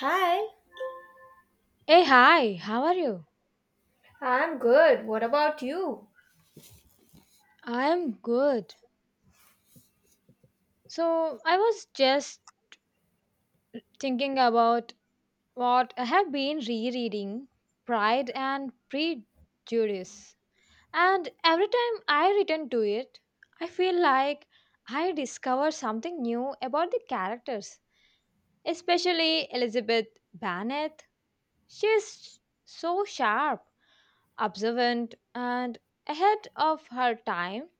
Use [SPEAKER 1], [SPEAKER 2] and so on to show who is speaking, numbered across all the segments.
[SPEAKER 1] Hi,
[SPEAKER 2] Hey, hi, how are you?
[SPEAKER 1] I'm good. What about you?
[SPEAKER 2] I am good. So, I was just thinking about what I have been rereading Pride and Prejudice. And every time I return to it, I feel like I discover something new about the characters, especially Elizabeth Bennet. She's so sharp, observant, and ahead of her time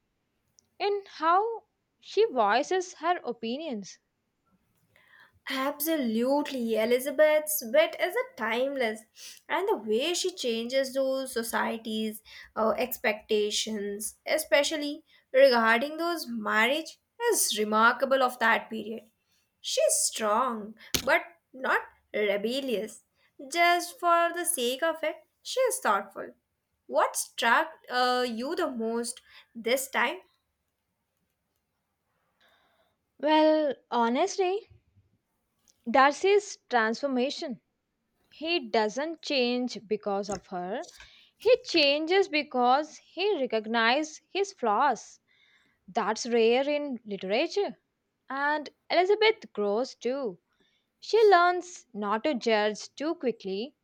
[SPEAKER 2] in how she voices her opinions.
[SPEAKER 1] Absolutely. Elizabeth's wit is a timeless, and the way she changes those societies' expectations, especially regarding those marriage, is remarkable of that period. She's strong, but not rebellious. Just for the sake of it, she is thoughtful. What struck you the most this time?
[SPEAKER 2] Well, honestly, Darcy's transformation. He doesn't change because of her. He changes because he recognizes his flaws. That's rare in literature. And Elizabeth grows too. She learns not to judge too quickly.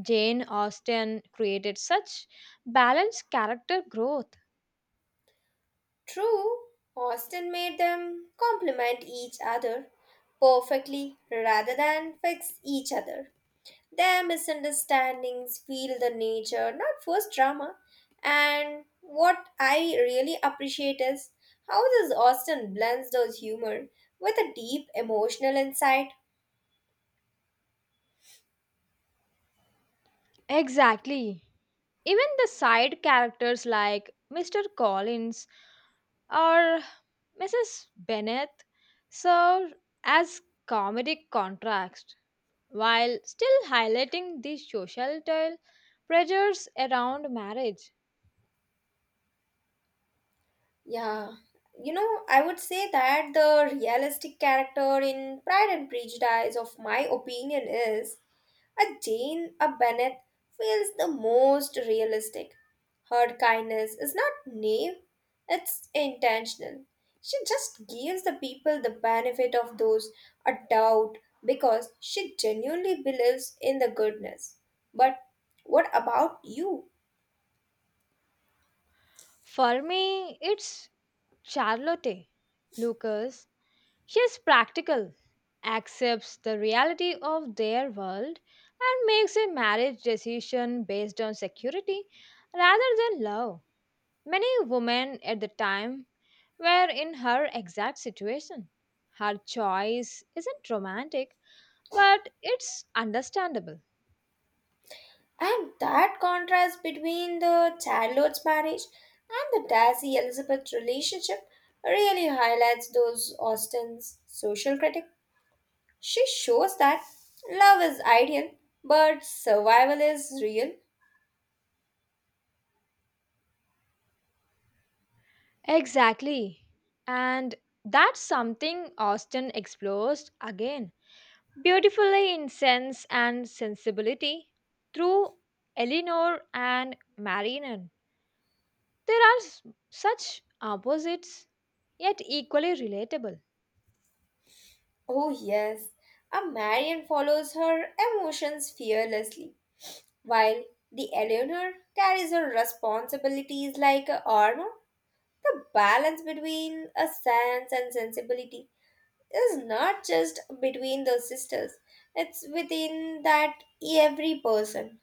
[SPEAKER 2] Jane Austen created such balanced character growth.
[SPEAKER 1] True, Austin made them complement each other perfectly rather than fix each other. Their misunderstandings feel the nature, not forced drama. And what I really appreciate is how this Austin blends those humor with a deep emotional insight.
[SPEAKER 2] Exactly. Even the side characters like Mr. Collins or Mrs. Bennett served as comedic contrast while still highlighting the societal pressures around marriage.
[SPEAKER 1] Yeah, I would say that the realistic character in Pride and Prejudice, of my opinion, is a Jane, a Bennett feels the most realistic. Her kindness is not naive, it's intentional. She just gives the people the benefit of those a doubt because she genuinely believes in the goodness. But what about you?
[SPEAKER 2] For me, it's Charlotte Lucas. She's practical, accepts the reality of their world, and makes a marriage decision based on security rather than love. Many women at the time were in her exact situation. Her choice isn't romantic, but it's understandable.
[SPEAKER 1] And that contrast between the Charlotte's marriage and the Darcy Elizabeth relationship really highlights those Austen's social critical. She shows that love is ideal, but survival is real.
[SPEAKER 2] Exactly. And that's something Austen explores again beautifully in Sense and Sensibility through Eleanor and Marianne. There are such opposites, yet equally relatable.
[SPEAKER 1] Oh, yes. A Marian follows her emotions fearlessly, while the Eleanor carries her responsibilities like a armor. The balance between a sense and sensibility is not just between the sisters, it's within that every person.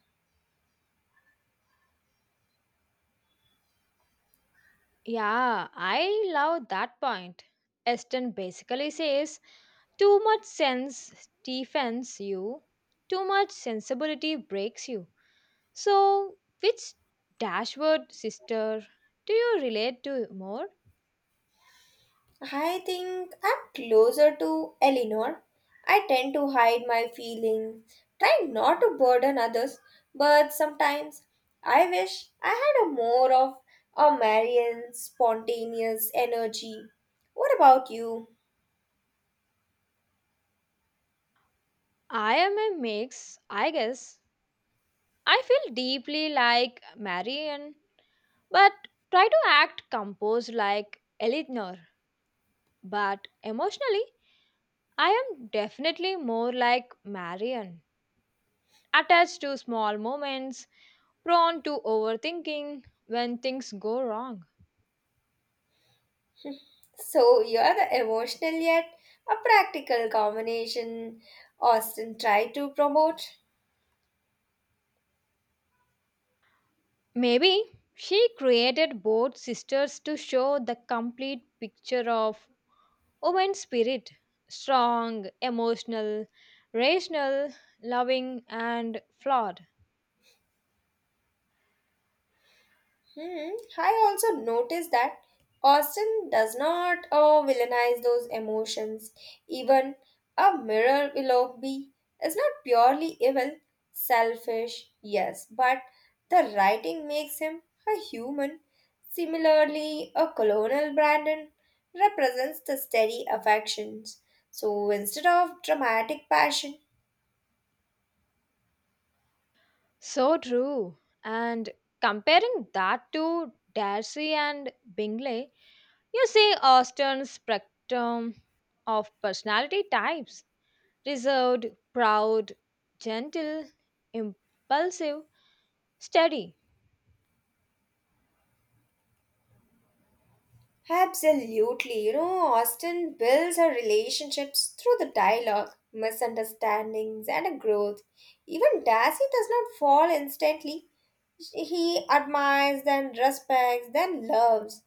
[SPEAKER 2] Yeah, I love that point. Eston basically says too much sense defends you, too much sensibility breaks you. So, which Dashwood sister do you relate to more?
[SPEAKER 1] I think I'm closer to Eleanor. I tend to hide my feelings, try not to burden others, but sometimes I wish I had a more of a Marian spontaneous energy. What about you?
[SPEAKER 2] I am a mix, I guess. I feel deeply like Marian, but try to act composed like Eleanor. But emotionally, I am definitely more like Marian, attached to small moments, prone to overthinking when things go wrong.
[SPEAKER 1] So you're the emotional yet a practical combination Austin tried to promote.
[SPEAKER 2] Maybe she created both sisters to show the complete picture of woman's spirit: strong, emotional, rational, loving, and flawed.
[SPEAKER 1] Hmm. I also noticed that Austin does not villainize those emotions. Even a mirror Willoughby is not purely evil, selfish, yes, but the writing makes him a human. Similarly, a colonel Brandon represents the steady affections. So instead of dramatic passion,
[SPEAKER 2] So true. And comparing that to Darcy and Bingley, you see Austen's spectrum of personality types: reserved, proud, gentle, impulsive, steady.
[SPEAKER 1] absolutely. Austin builds her relationships through the dialogue, misunderstandings, and growth. Even Darcy does not fall instantly. He admires, then respects, then loves.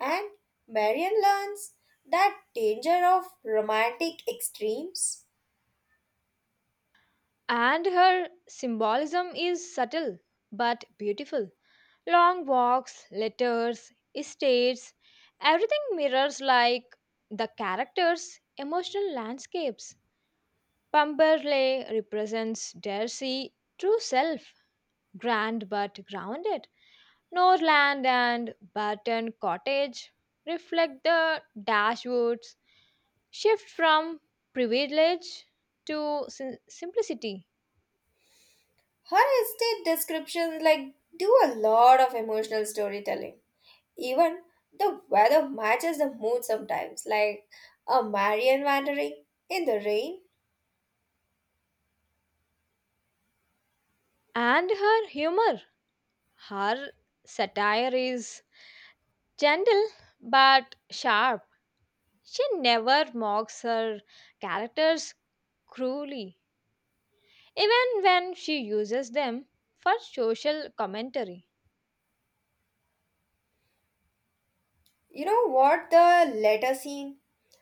[SPEAKER 1] And Marion learns that danger of romantic extremes.
[SPEAKER 2] And her symbolism is subtle but beautiful. Long walks, letters, estates, everything mirrors like the characters' emotional landscapes. Pamberley represents Darcy true self, grand but grounded. Norland and Barton Cottage reflect the Dashwoods shift from privilege to simplicity.
[SPEAKER 1] Her estate descriptions like do a lot of emotional storytelling. Even the weather matches the mood sometimes, like a Marian wandering in the rain.
[SPEAKER 2] And her humor, her satire is gentle but sharp. She never mocks her characters cruelly, even when she uses them for social commentary.
[SPEAKER 1] You know what the letter scene?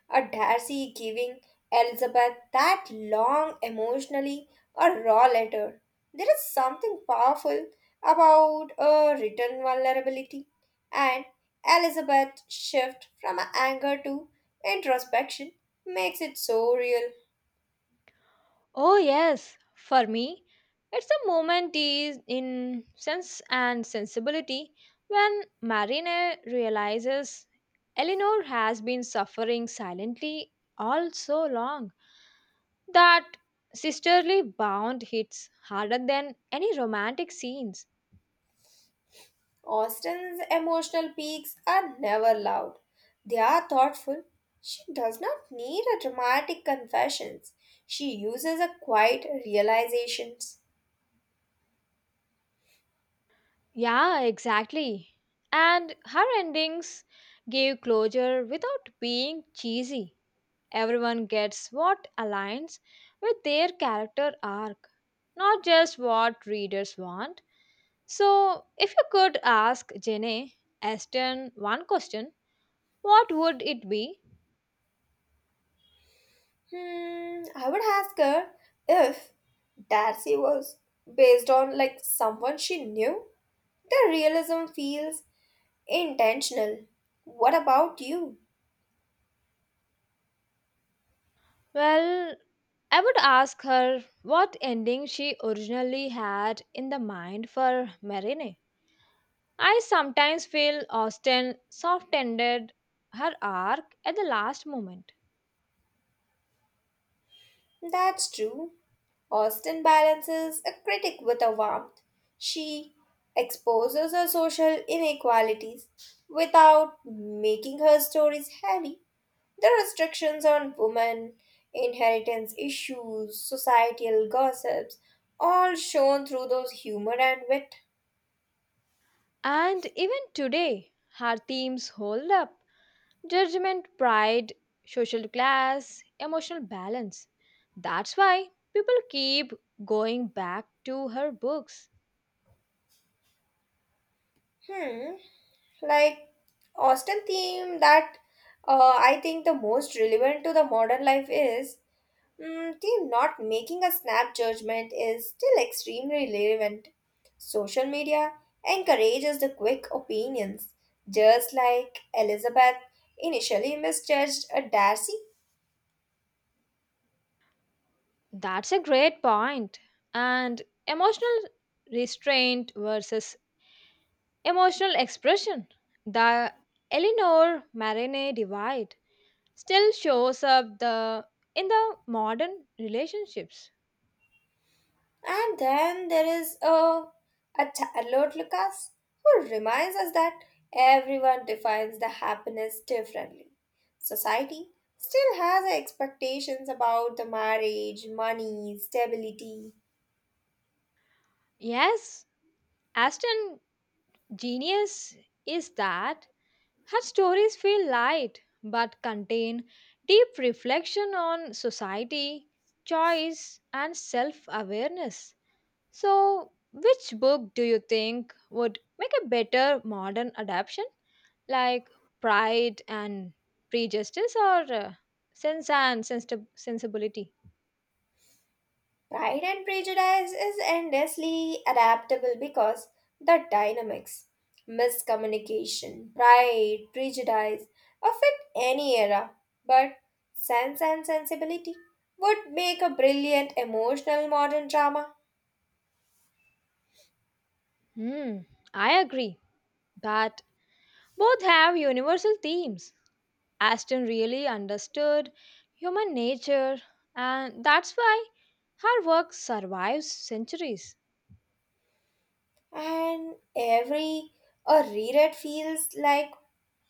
[SPEAKER 1] A Darcy giving Elizabeth that long, emotionally, a raw letter. There is something powerful about a written vulnerability and Elizabeth's shift from anger to introspection makes it so real.
[SPEAKER 2] Oh, yes. For me, it's a moment is in Sense and Sensibility when Marina realizes Eleanor has been suffering silently all so long, that sisterly bond hits harder than any romantic scenes.
[SPEAKER 1] Austin's emotional peaks are never loud. They are thoughtful. She does not need a dramatic confessions. She uses a quiet realizations.
[SPEAKER 2] Yeah, exactly. And her endings gave closure without being cheesy. Everyone gets what aligns with their character arc, not just what readers want. So, if you could ask Jenny Aston one question, what would it be?
[SPEAKER 1] Hmm, I would ask her if Darcy was based on like someone she knew. The realism feels intentional. What about you?
[SPEAKER 2] Well, I would ask her what ending she originally had in the mind for Marine. I sometimes feel Austen soft ended her arc at the last moment.
[SPEAKER 1] That's true. Austen balances a critic with a warmth. She exposes her social inequalities without making her stories heavy. The restrictions on women, inheritance issues, societal gossips, all shown through those humor and wit.
[SPEAKER 2] And even today, her themes hold up. Judgment, pride, social class, emotional balance. That's why people keep going back to her books.
[SPEAKER 1] Hmm, like Austen theme that I think the most relevant to the modern life is mm, team not making a snap judgment is still extremely relevant. Social media encourages the quick opinions, just like Elizabeth initially misjudged a Darcy.
[SPEAKER 2] That's a great point. And emotional restraint versus emotional expression. The Eleanor Marine divide still shows up the in the modern relationships.
[SPEAKER 1] And then there is a Charlotte Lucas who reminds us that everyone defines the happiness differently. Society still has expectations about the marriage, money, stability,
[SPEAKER 2] Yes, Aston genius is that her stories feel light but contain deep reflection on society, choice, and self awareness. So, which book do you think would make a better modern adaptation, like Pride and Prejudice or Sense and Sensibility?
[SPEAKER 1] Pride and Prejudice is endlessly adaptable because the dynamics, miscommunication, pride, prejudice affect any era, but Sense and Sensibility would make a brilliant emotional modern drama.
[SPEAKER 2] Hmm, I agree, but both have universal themes. Aston really understood human nature, and that's why her work survives centuries.
[SPEAKER 1] And every a reread feels like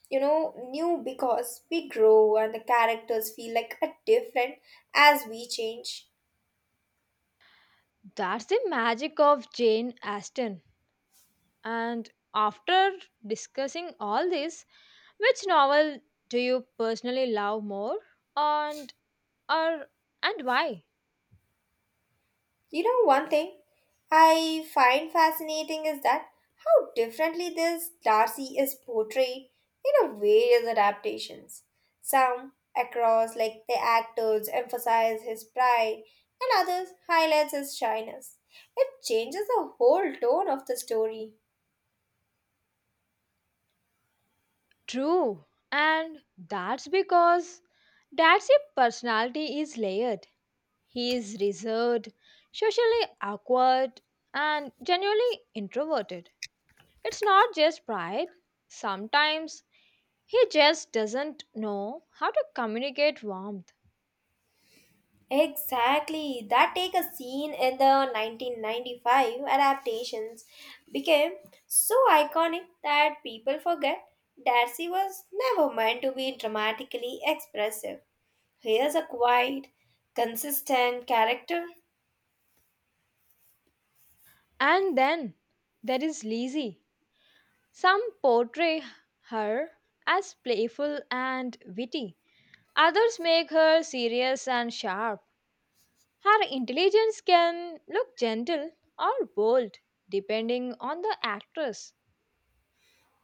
[SPEAKER 1] new because we grow and the characters feel like a different as we change.
[SPEAKER 2] That's the magic of Jane Austen. And after discussing all this, which novel do you personally love more, and or and why?
[SPEAKER 1] One thing I find fascinating is that how differently this Darcy is portrayed in a various adaptations. Some across, like the actors, emphasize his pride, and others highlights his shyness. It changes the whole tone of the story.
[SPEAKER 2] True. And that's because that's a personality is layered. He is reserved, socially awkward, and generally introverted. It's not just pride, sometimes he just doesn't know how to communicate warmth.
[SPEAKER 1] Exactly. That take a scene in the 1995 adaptations became so iconic that people forget Darcy was never meant to be dramatically expressive. Here's a quiet, consistent character.
[SPEAKER 2] And then there is Lizzie. Some portray her as playful and witty, others make her serious and sharp. Her intelligence can look gentle or bold depending on the actress.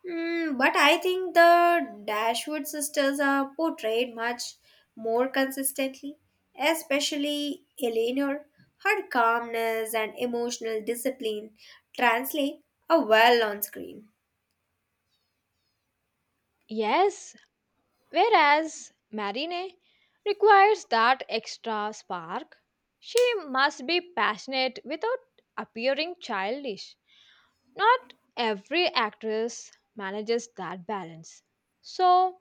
[SPEAKER 1] Mm, but I think the Dashwood sisters are portrayed much more consistently, especially Eleanor. Her calmness and emotional discipline translate a well on screen.
[SPEAKER 2] Yes, whereas Marine requires that extra spark, she must be passionate without appearing childish. Not every actress manages that balance. So,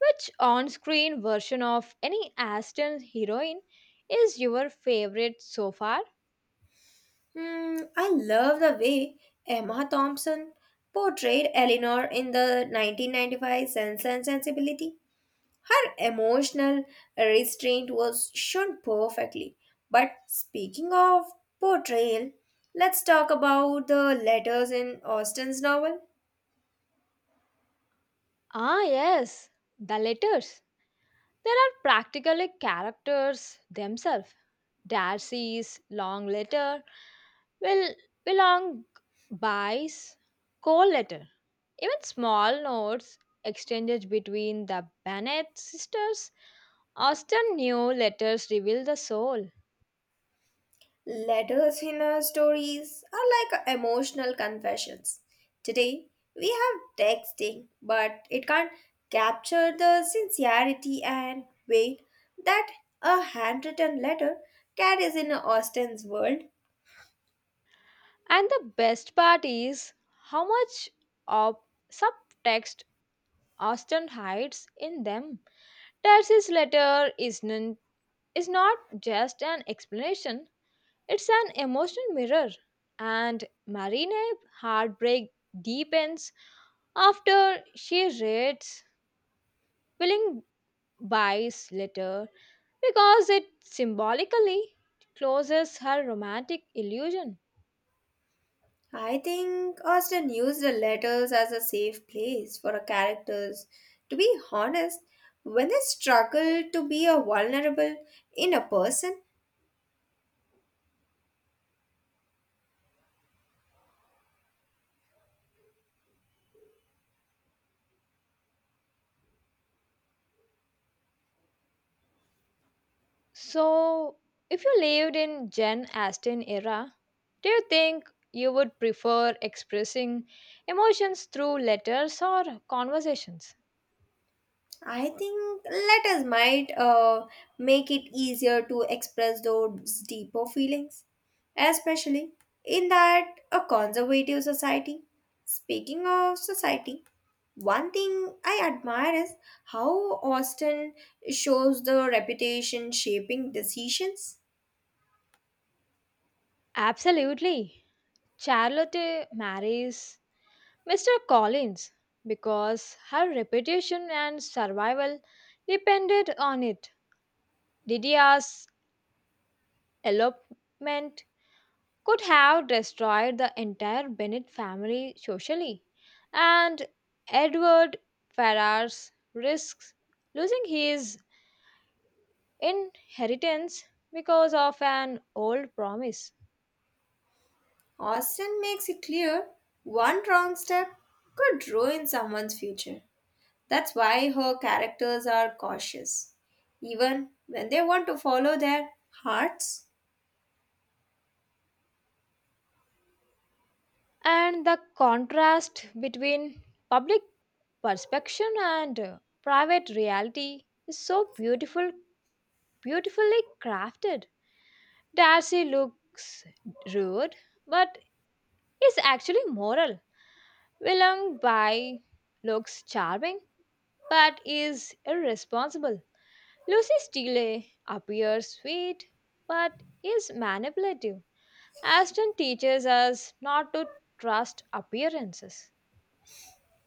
[SPEAKER 2] which on screen version of any Aston heroine is your favorite so far?
[SPEAKER 1] Mm, I love the way Emma Thompson portrayed Eleanor in the 1995 Sense and Sensibility. Her emotional restraint was shown perfectly. But speaking of portrayal, let's talk about the letters in Austen's novel.
[SPEAKER 2] Ah, yes, the letters. There are practically characters themselves. Darcy's long letter will belong buys call letter. Even small notes exchanged between the Bennett sisters often knew letters reveal the soul.
[SPEAKER 1] Letters in her stories are like emotional confessions. Today, we have texting, but it can't capture the sincerity and weight that a handwritten letter carries in Austen's world.
[SPEAKER 2] And the best part is how much of subtext Austin hides in them. Darcy's letter is, is not just an explanation, it's an emotional mirror, and Marina's heartbreak deepens after she reads Willing Buy's letter because it symbolically closes her romantic illusion.
[SPEAKER 1] I think Austen used the letters as a safe place for her characters. To be honest, when they struggle to be a vulnerable in a person,
[SPEAKER 2] So, if you lived in Jane Austen era, do you think you would prefer expressing emotions through letters or conversations?
[SPEAKER 1] I think letters might make it easier to express those deeper feelings, especially in that a conservative society. Speaking of society, one thing I admire is how Austin shows the reputation shaping decisions.
[SPEAKER 2] Absolutely. Charlotte marries Mr. Collins, because her reputation and survival depended on it. Didia's elopement could have destroyed the entire Bennett family socially, and Edward Ferrars risks losing his inheritance because of an old promise.
[SPEAKER 1] Austin makes it clear one wrong step could ruin someone's future. That's why her characters are cautious, even when they want to follow their hearts.
[SPEAKER 2] And the contrast between public perception and private reality is so beautifully crafted. Darcy looks rude but is actually moral. Willem Bai looks charming but is irresponsible. Lucy Steele appears sweet but is manipulative. Ashton teaches us not to trust appearances.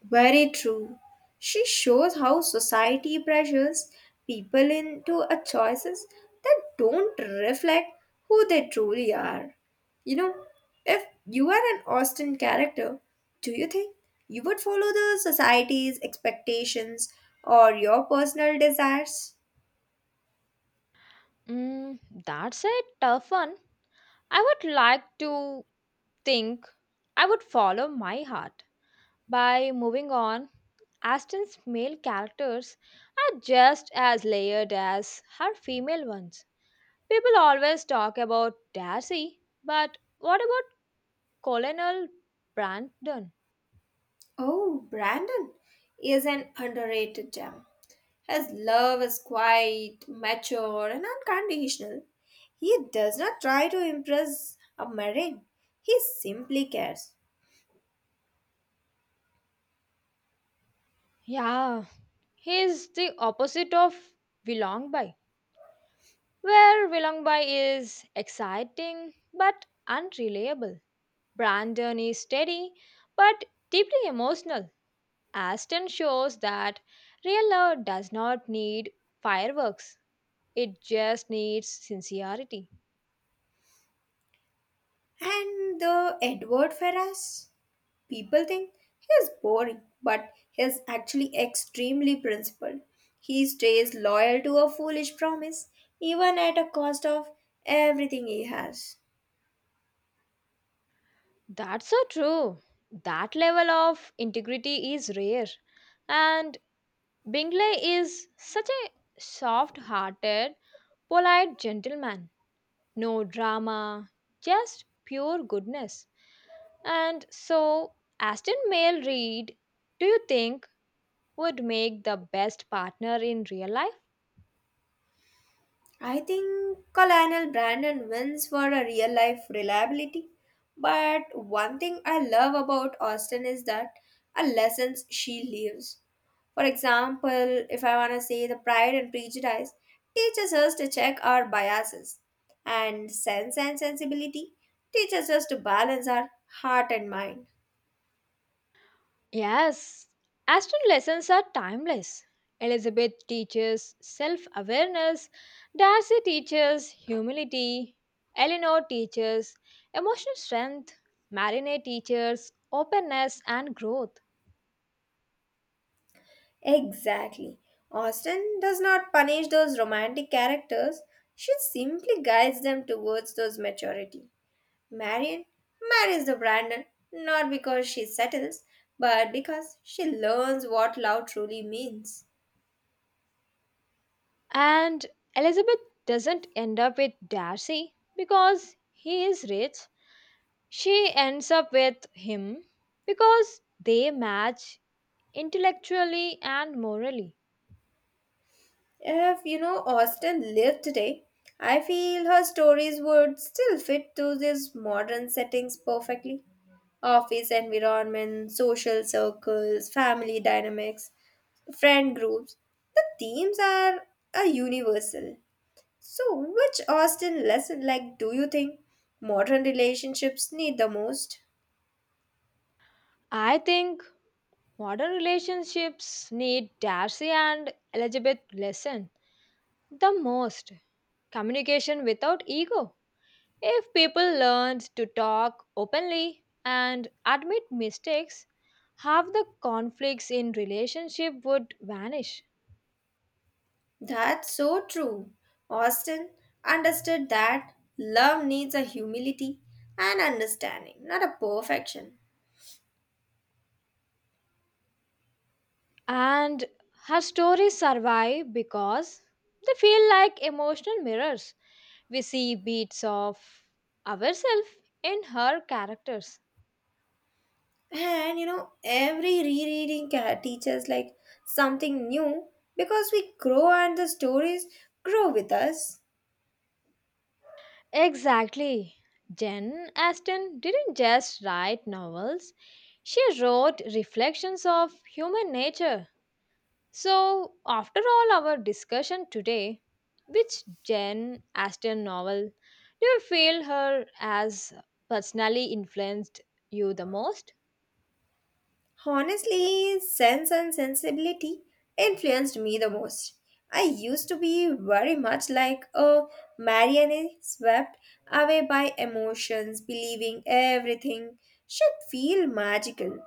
[SPEAKER 1] Very true. She shows how society pressures people into a choices that don't reflect who they truly are. You know, if you are an Austen character, do you think you would follow the society's expectations or your personal desires?
[SPEAKER 2] Mm, that's a tough one. I would like to think I would follow my heart. By moving on, Aston's male characters are just as layered as her female ones. People always talk about Darcy, but what about Colonel Brandon?
[SPEAKER 1] Oh, Brandon is an underrated gem. His love is quiet, mature, and unconditional. He does not try to impress a marine. He simply cares.
[SPEAKER 2] Yeah, he's the opposite of Willongby, where Willongby is exciting but unreliable. Brandon is steady but deeply emotional. Aston shows that real love does not need fireworks, it just needs sincerity.
[SPEAKER 1] And the Edward Ferrars, people think he is boring, but he is actually extremely principled. He stays loyal to a foolish promise, even at a cost of everything he has.
[SPEAKER 2] That's so true. That level of integrity is rare. And Bingley is such a soft hearted, polite gentleman. No drama, just pure goodness. And so, Aston Mail read, do you think, would make the best partner in real life?
[SPEAKER 1] I think Colonel Brandon wins for a real life reliability. But one thing I love about Austin is that a lessons she leaves. For example, if I want to say the Pride and Prejudice teaches us to check our biases, and Sense and Sensibility teaches us to balance our heart and mind.
[SPEAKER 2] Yes, Aston lessons are timeless. Elizabeth teaches self awareness, Darcy teaches humility, Eleanor teaches emotional strength, Marinette teaches openness and growth.
[SPEAKER 1] Exactly. Austin does not punish those romantic characters, she simply guides them towards those maturity. Marian marries the Brandon not because she settles, but because she learns what love truly means.
[SPEAKER 2] And Elizabeth doesn't end up with Darcy because he is rich, she ends up with him because they match intellectually and morally.
[SPEAKER 1] If Austen lived today, I feel her stories would still fit to these modern settings perfectly. Office environment, social circles, family dynamics, friend groups. The themes are a universal. So, which Austen lesson like do you think modern relationships need the most?
[SPEAKER 2] I think modern relationships need Darcy and Elizabeth lesson the most, communication without ego. If people learned to talk openly and admit mistakes, half the conflicts in relationship would vanish.
[SPEAKER 1] That's so true. Austin understood that love needs a humility and understanding, not a perfection.
[SPEAKER 2] And her stories survive because they feel like emotional mirrors. We see bits of ourselves in her characters.
[SPEAKER 1] And every rereading teaches like something new because we grow and the stories grow with us.
[SPEAKER 2] Exactly. Jen Aston didn't just write novels, she wrote reflections of human nature. So, after all our discussion today, which Jen Aston novel do you feel her as personally influenced you the most?
[SPEAKER 1] Honestly, Sense and Sensibility influenced me the most. I used to be very much like a marionette swept away by emotions, believing everything should feel magical.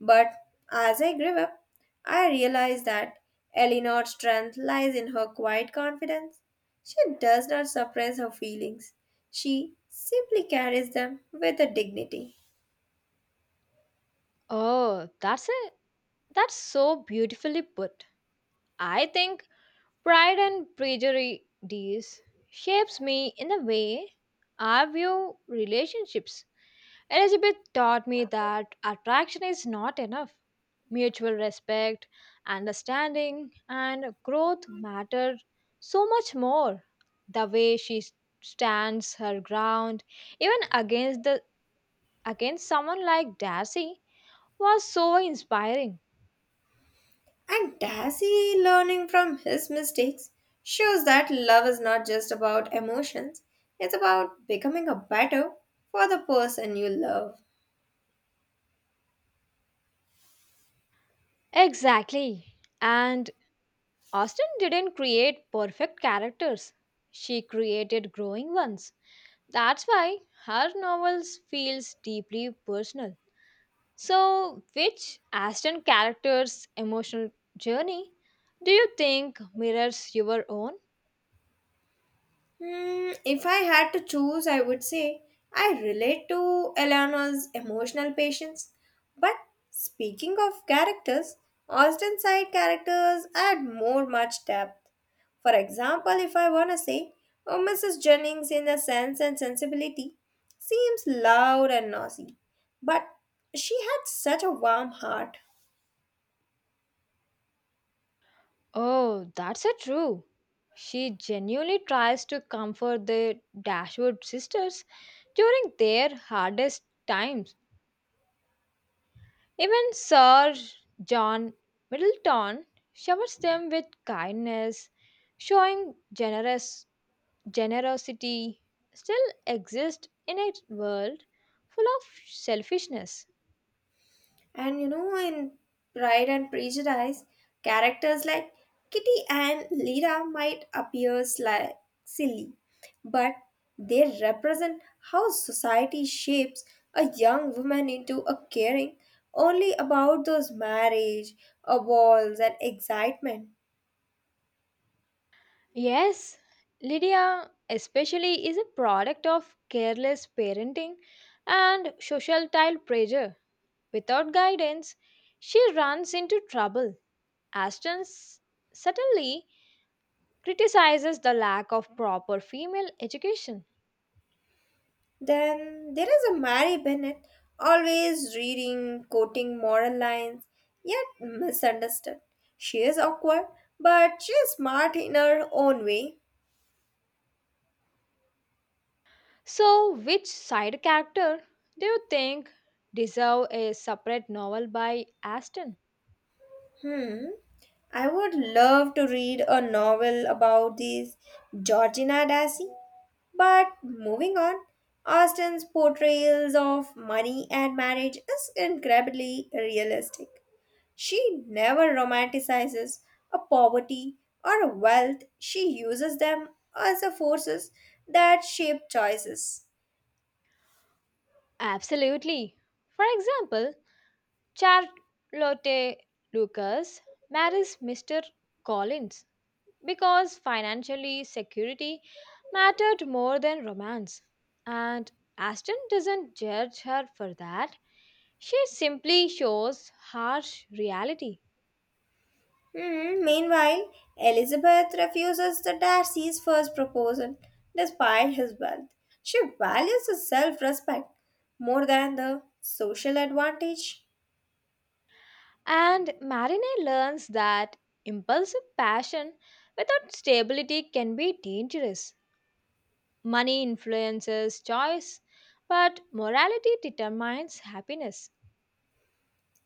[SPEAKER 1] But as I grew up, I realized that Eleanor's strength lies in her quiet confidence. She does not suppress her feelings, she simply carries them with a dignity.
[SPEAKER 2] Oh, that's so beautifully put. I think Pride and Prejudice shapes me in the way I view relationships. Elizabeth taught me that attraction is not enough. Mutual respect, understanding, and growth matter so much more. The way stands her ground, even against someone like Darcy, was so inspiring.
[SPEAKER 1] And Darcy learning from his mistakes shows that love is not just about emotions, it's about becoming a better for the person you love.
[SPEAKER 2] Exactly. And Austen didn't create perfect characters. She created growing ones. That's why her novels feels deeply personal. So, which Austen character's emotional journey do you think mirrors your own?
[SPEAKER 1] Hmm, if I had to choose, I would say I relate to Eleanor's emotional patience. But speaking of characters, Austin side characters add more much depth. For example, if I wanna say, oh, Mrs. Jennings in a sense and sensibility seems loud and noisy, but she had such a warm heart.
[SPEAKER 2] Oh, that's a true. She genuinely tries to comfort the Dashwood sisters during their hardest times. Even Sir John Middleton showers them with kindness, showing generous generosity still exists in a world full of selfishness.
[SPEAKER 1] And in Pride and Prejudice, characters like Kitty and Lyra might appear silly, but they represent how society shapes a young woman into a caring only about those marriage, a walls and excitement.
[SPEAKER 2] Yes, Lydia especially is a product of careless parenting and societal pressure. Without guidance, she runs into trouble. Ashton s- suddenly criticizes the lack of proper female education.
[SPEAKER 1] Then there is a Mary Bennett, always reading, quoting moral lines, yet misunderstood. She is awkward, but she is smart in her own way.
[SPEAKER 2] So, which side character do you think deserve a separate novel by Aston?
[SPEAKER 1] Hmm. I would love to read a novel about this Georgina Dassey. But moving on, Austen's portrayals of money and marriage is incredibly realistic. She never romanticizes a poverty or a wealth. She uses them as the forces that shape choices.
[SPEAKER 2] Absolutely. For example, Charlotte Lucas marries Mr. Collins because financially security mattered more than romance. And Aston doesn't judge her for that. She simply shows harsh reality.
[SPEAKER 1] Hmm, meanwhile, Elizabeth refuses the Darcy's first proposal despite his wealth. She values the self respect more than the social advantage.
[SPEAKER 2] And Marine learns that impulsive passion without stability can be dangerous. Money influences choice, but morality determines happiness.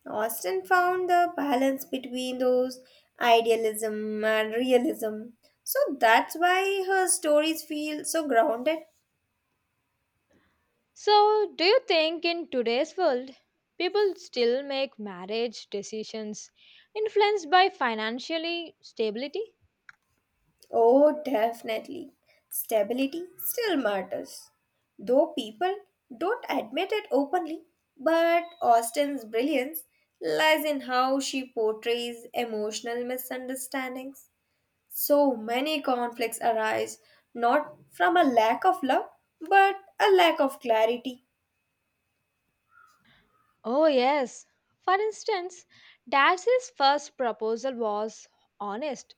[SPEAKER 1] Austin found the balance between those idealism and realism. So that's why her stories feel so grounded.
[SPEAKER 2] So, do you think in today's world, people still make marriage decisions influenced by financially stability?
[SPEAKER 1] Oh, definitely. Stability still matters. Though people don't admit it openly, but Austen's brilliance lies in how she portrays emotional misunderstandings. So many conflicts arise not from a lack of love, but a lack of clarity.
[SPEAKER 2] Oh, yes. For instance, Dash's first proposal was honest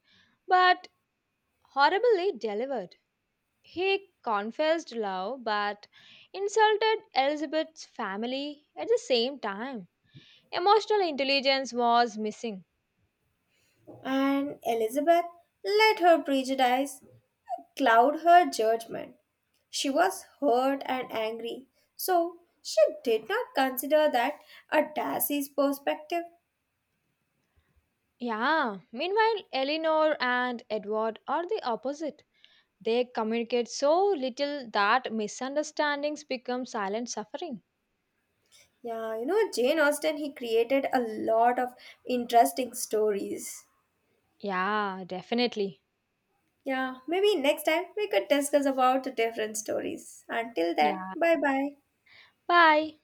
[SPEAKER 2] but horribly delivered. He confessed love but insulted Elizabeth's family at the same time. Emotional intelligence was missing.
[SPEAKER 1] And Elizabeth let her prejudice cloud her judgment. She was hurt and angry, so she did not consider that a Darcy's perspective.
[SPEAKER 2] Yeah, meanwhile, Eleanor and Edward are the opposite. They communicate so little that misunderstandings become silent suffering.
[SPEAKER 1] Yeah, Jane Austen, he created a lot of interesting stories.
[SPEAKER 2] Yeah, definitely.
[SPEAKER 1] Yeah, maybe next time we could discuss about the different stories. Until then,
[SPEAKER 2] Yeah.
[SPEAKER 1] bye bye.
[SPEAKER 2] Bye.